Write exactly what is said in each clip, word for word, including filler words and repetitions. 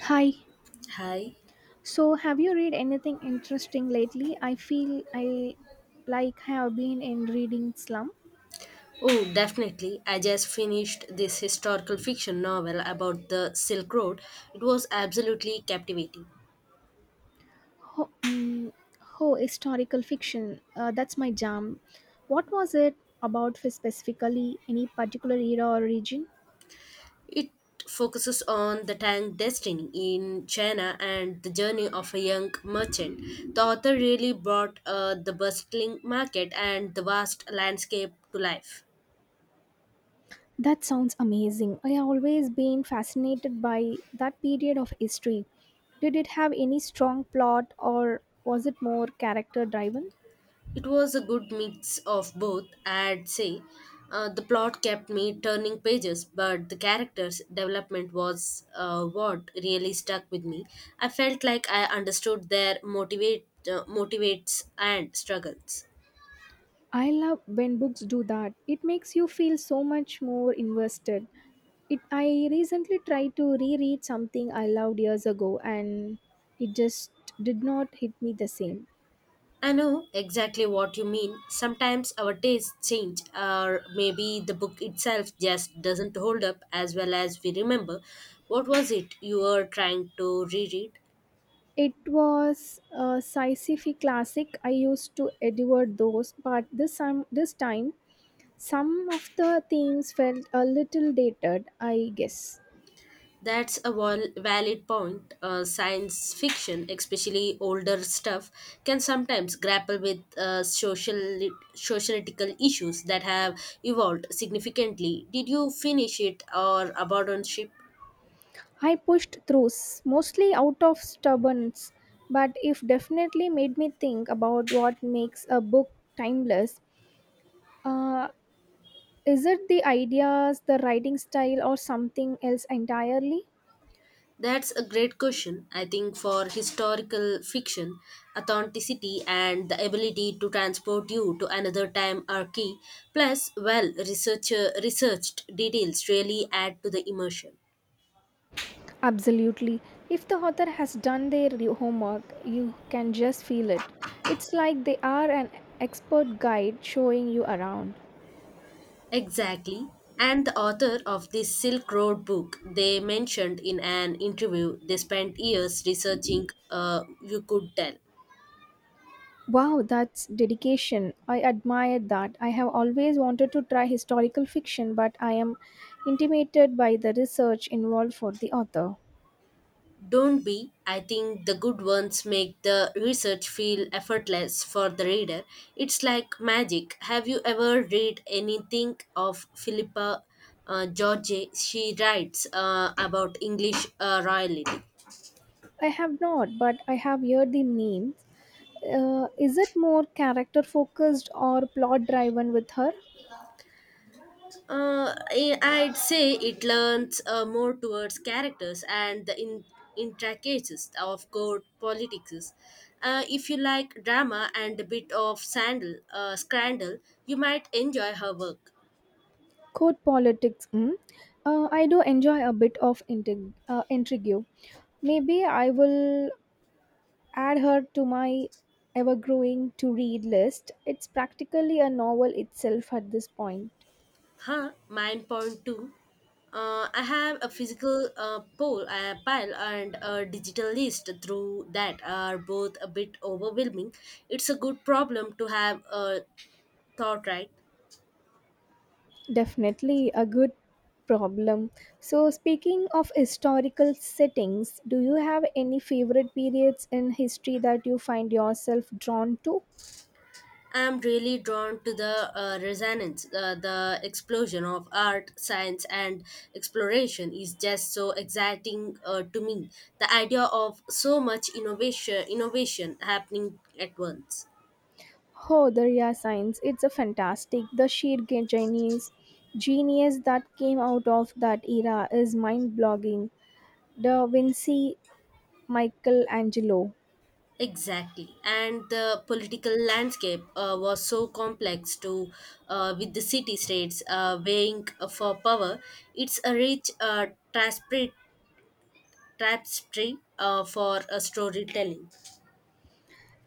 Hi. Hi. So, have you read anything interesting lately? I feel I like have been in reading slum. Oh, definitely. I just finished this historical fiction novel about the Silk Road. It was absolutely captivating. Ho, mm ho historical fiction. Uh, that's my jam. What was it about for specifically? Any particular era or region? It focuses on the Tang destiny in China and the journey of a young merchant. The author really brought uh, the bustling market and the vast landscape to life. That sounds amazing. I have always been fascinated by that period of history. Did it have any strong plot or was it more character driven? It was a good mix of both, I'd say. Uh, the plot kept me turning pages, but the characters' development was uh, what really stuck with me. I felt like I understood their motivate, uh, motivates and struggles. I love when books do that. It makes you feel so much more invested. It I recently tried to reread something I loved years ago and it just did not hit me the same. I know exactly what you mean. Sometimes our tastes change, or maybe the book itself just doesn't hold up as well as we remember. What was it you were trying to reread? It was a sci-fi classic. I used to adore those, but this time, this time some of the themes felt a little dated, I guess. That's a val- valid point. Uh, science fiction, especially older stuff, can sometimes grapple with uh, social sociological issues that have evolved significantly. Did you finish it or abandon ship? I pushed through, s- mostly out of stubbornness, but it definitely made me think about what makes a book timeless. Uh, Is it the ideas, the writing style, or something else entirely? That's a great question. I think for historical fiction, authenticity and the ability to transport you to another time are key. Plus, well, researcher researched details really add to the immersion. Absolutely. If the author has done their re- homework, you can just feel it. It's like they are an expert guide showing you around. Exactly. And the author of this Silk Road book, they mentioned in an interview they spent years researching, uh, you could tell. Wow, that's dedication. I admire that. I have always wanted to try historical fiction, but I am intimidated by the research involved for the author. Don't be. I think the good ones make the research feel effortless for the reader. It's like magic. Have you ever read anything of Philippa uh, George? She writes uh, about English uh, royalty. I have not, but I have heard the names. Uh, is it more character focused or plot driven with her? Uh, I- I'd say it learns uh, more towards characters and the in- intricacies of court politics. Uh, if you like drama and a bit of sandal, uh, scandal, you might enjoy her work. Court politics. Mm. Uh, I do enjoy a bit of intrigue. Uh, intrigue. Maybe I will add her to my ever growing to read list. It's practically a novel itself at this point. Huh? Mine point two. Uh, I have a physical uh, poll, a pile, and a digital list through that are both a bit overwhelming. It's a good problem to have a thought, right? Definitely a good problem. So, speaking of historical settings, do you have any favorite periods in history that you find yourself drawn to? I'm really drawn to the uh, resonance, uh, the explosion of art, science, and exploration is just so exciting uh, to me. The idea of so much innovation, innovation happening at once. Oh, the Rhea science. It's a fantastic. The sheer ge- genius, genius that came out of that era is mind-blogging. Da Vinci, Michelangelo. Exactly, and the political landscape uh, was so complex too, uh, with the city-states uh, vying for power. It's a rich uh, tapestry tapestry, uh, for uh, storytelling.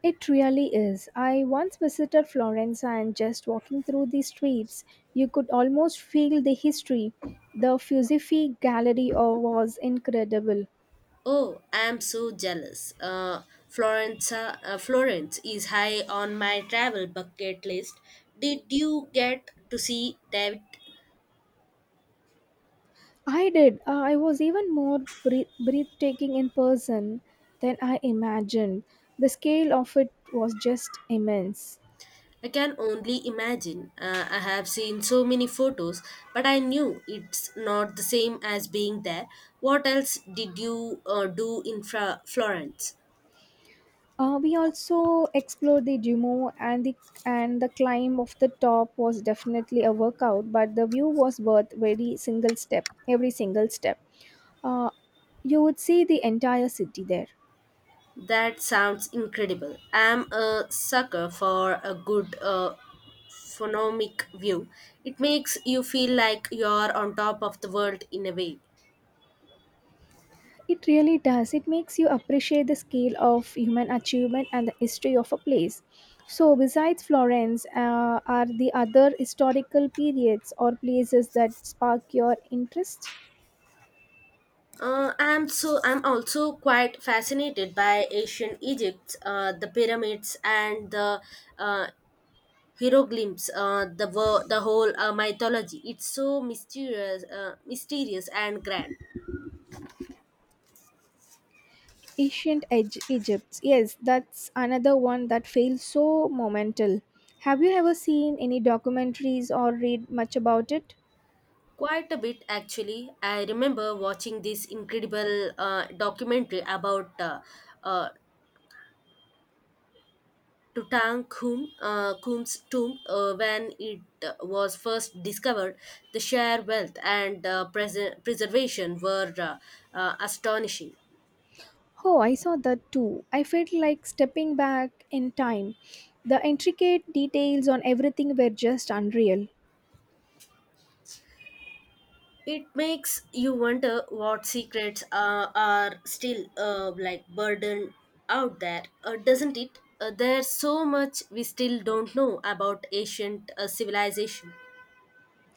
It really is. I once visited Florence and just walking through the streets, you could almost feel the history. The Fusifi gallery uh, was incredible. Oh, I'm so jealous. Uh, Florence, uh, uh, Florence is high on my travel bucket list. Did you get to see that? I did. Uh, I was even more breath- breathtaking in person than I imagined. The scale of it was just immense. I can only imagine. Uh, I have seen so many photos, but I knew it's not the same as being there. What else did you uh, do in Fra- Florence? Uh, we also explored the Duomo and the and the climb of the top was definitely a workout, but the view was worth every single step. Every single step. Uh, you would see the entire city there. That sounds incredible. I'm a sucker for a good uh, phonomic view. It makes you feel like you're on top of the world in a way. It really does. It makes you appreciate the scale of human achievement and the history of a place. So, besides Florence, uh, are the other historical periods or places that spark your interest? Uh, I'm so I'm also quite fascinated by ancient Egypt, uh, the pyramids and the uh, hieroglyphs, uh, the wo- the whole uh, mythology. It's so mysterious, uh, mysterious and grand. Ancient Egy- Egypt. Yes, that's another one that feels so monumental. Have you ever seen any documentaries or read much about it? Quite a bit actually. I remember watching this incredible uh, documentary about uh, uh, Tutankhamun, uh, Khum's tomb, uh, when it uh, was first discovered, the sheer wealth and uh, pres- preservation were uh, uh, astonishing. Oh, I saw that too. I felt like stepping back in time. The intricate details on everything were just unreal. It makes you wonder what secrets uh, are still uh, like burdened out there, uh, doesn't it? Uh, there's so much we still don't know about ancient uh, civilization.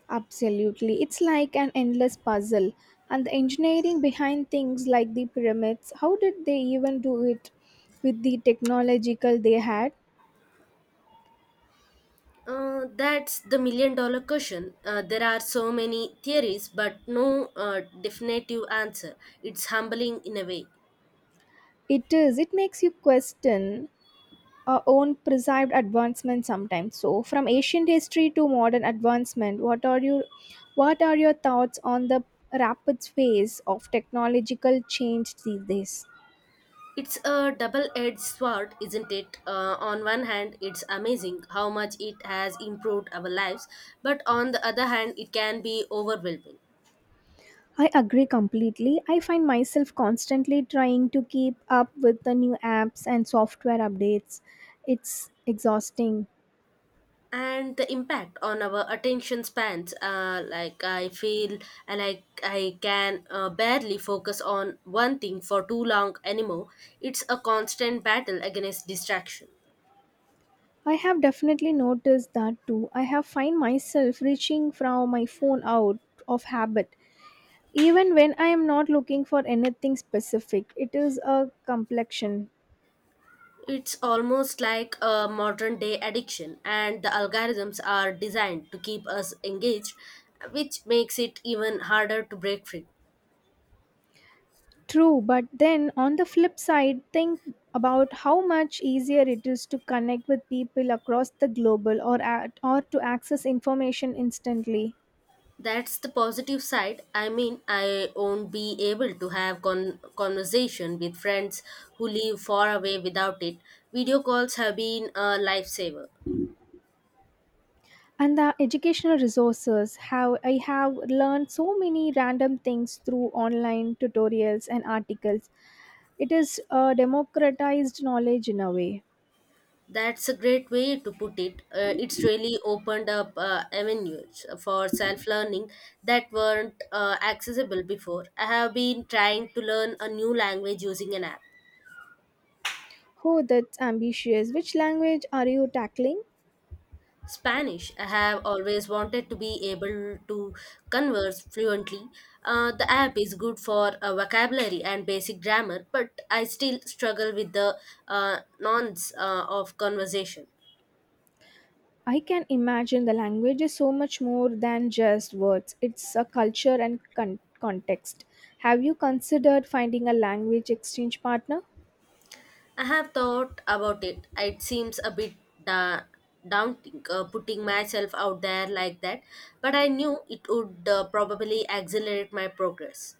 Absolutely. It's like an endless puzzle. And the engineering behind things like the pyramids, how did they even do it with the technological they had? Uh, that's the million dollar question. Uh, there are so many theories, but no uh, definitive answer. It's humbling in a way. It is, it makes you question our own perceived advancement sometimes. So from ancient history to modern advancement, what are you what are your thoughts on the rapid pace of technological change these days? It's a double edged sword, isn't it? Uh, on one hand, it's amazing how much it has improved our lives, but on the other hand, it can be overwhelming. I agree completely. I find myself constantly trying to keep up with the new apps and software updates. It's exhausting. And the impact on our attention spans, uh, like I feel uh, like I can uh, barely focus on one thing for too long anymore. It's a constant battle against distraction. I have definitely noticed that too. I have find myself reaching from my phone out of habit even when I am not looking for anything specific. It is a complexion. It's almost like a modern day addiction, and the algorithms are designed to keep us engaged, which makes it even harder to break free. True, but then on the flip side, think about how much easier it is to connect with people across the global or at, or to access information instantly. That's the positive side. I mean, I won't be able to have con- conversation with friends who live far away without it. Video calls have been a lifesaver. And the educational resources how I have learned so many random things through online tutorials and articles. It is a democratized knowledge in a way. That's a great way to put it. Uh, it's really opened up uh, avenues for self-learning that weren't uh, accessible before. I have been trying to learn a new language using an app. Oh, that's ambitious. Which language are you tackling? Spanish. I have always wanted to be able to converse fluently. Uh, the app is good for uh, vocabulary and basic grammar, but I still struggle with the uh, nonce uh, of conversation. I can imagine the language is so much more than just words. It's a culture and con- context. Have you considered finding a language exchange partner? I have thought about it. It seems a bit da- daunting uh, putting myself out there like that, but I knew it would uh, probably accelerate my progress.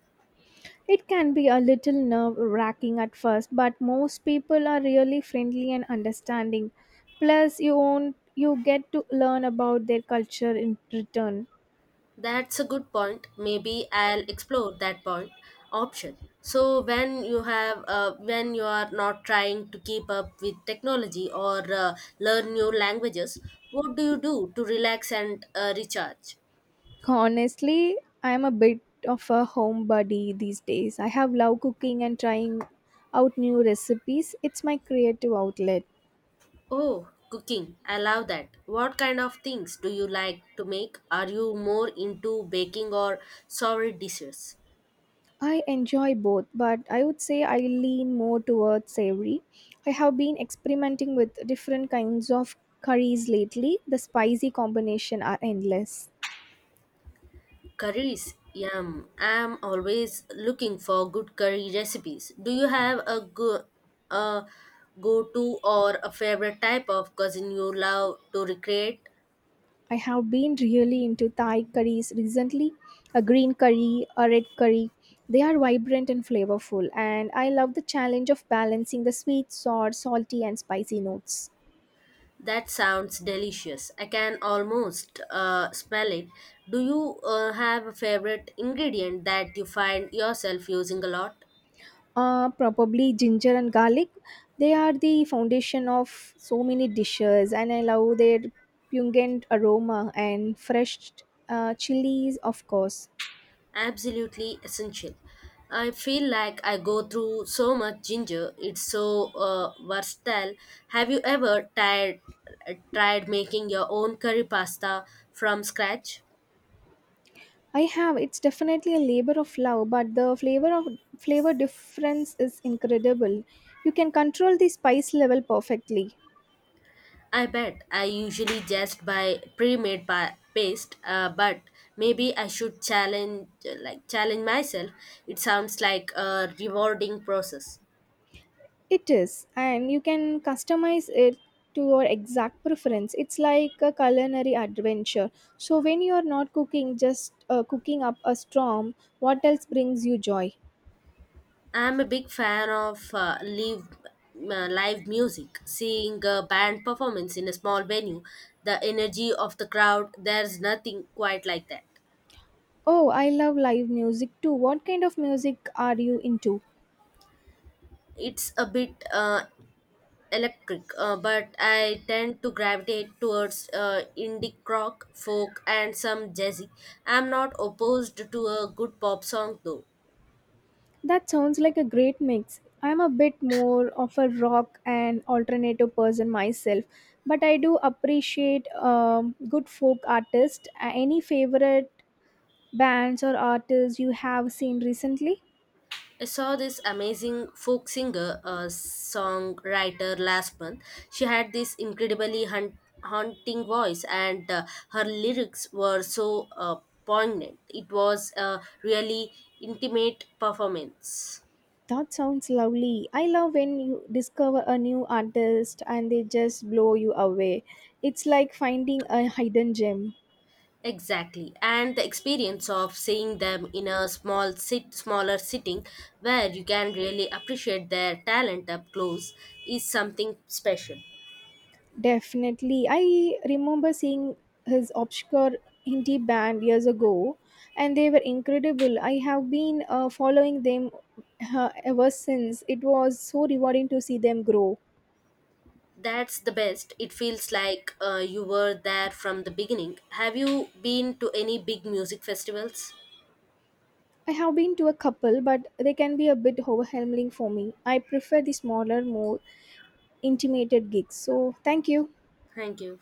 It can be a little nerve wracking at first, but most people are really friendly and understanding. Plus, you own, you get to learn about their culture in return. That's a good point. Maybe I'll explore that point option. So when you have uh, when you are not trying to keep up with technology or uh, learn new languages, what do you do to relax and uh, recharge? Honestly, I am a bit of a homebody these days. I have loved cooking and trying out new recipes. It's my creative outlet. Oh, cooking. I love that. What kind of things do you like to make? Are you more into baking or savory dishes? I enjoy both, but I would say I lean more towards savory. I have been experimenting with different kinds of curries lately. The spicy combination are endless. Curries, yum. I'm always looking for good curry recipes. Do you have a go a go-to or a favorite type of cuisine you love to recreate? I have been really into Thai curries recently, a green curry, a red curry. They are vibrant and flavorful, and I love the challenge of balancing the sweet, sour, salty, and spicy notes. That sounds delicious. I can almost uh, smell it. Do you uh, have a favorite ingredient that you find yourself using a lot? Uh, probably ginger and garlic. They are the foundation of so many dishes, and I love their pungent aroma and fresh uh, chilies, of course. Absolutely essential. I feel like I go through so much ginger. It's so uh, versatile. Have you ever tried tried making your own curry pasta from scratch? I have. It's definitely a labor of love, but the flavor of flavor difference is incredible. You can control the spice level perfectly. I bet I usually just buy pre-made pa- paste, uh, but maybe I should challenge like challenge myself. It sounds like a rewarding process. It is, and you can customize it to your exact preference. It's like a culinary adventure. So, when you are not cooking, just uh, cooking up a storm, what else brings you joy? I'm a big fan of uh, live uh, live music. Seeing a band performance in a small venue, the energy of the crowd, there's nothing quite like that. Oh, I love live music too. What kind of music are you into? It's a bit uh, electric, uh, but I tend to gravitate towards uh, indie rock, folk, and some jazzy. I'm not opposed to a good pop song though. That sounds like a great mix. I'm a bit more of a rock and alternative person myself, but I do appreciate um, good folk artists. Uh, Any favorite bands or artists you have seen recently? I saw this amazing folk singer, a songwriter last month. She had this incredibly hun- haunting voice, and uh, her lyrics were so uh, poignant. It was a really intimate performance. That sounds lovely. I love when you discover a new artist and they just blow you away. It's like finding a hidden gem. Exactly, and the experience of seeing them in a small sit, smaller sitting, where you can really appreciate their talent up close, is something special. Definitely. I remember seeing his obscure indie band years ago and they were incredible. I have been uh, following them uh, ever since. It was so rewarding to see them grow. That's the best. It feels like uh, you were there from the beginning. Have you been to any big music festivals? I have been to a couple, but they can be a bit overwhelming for me. I prefer the smaller, more intimate gigs. So, thank you. Thank you.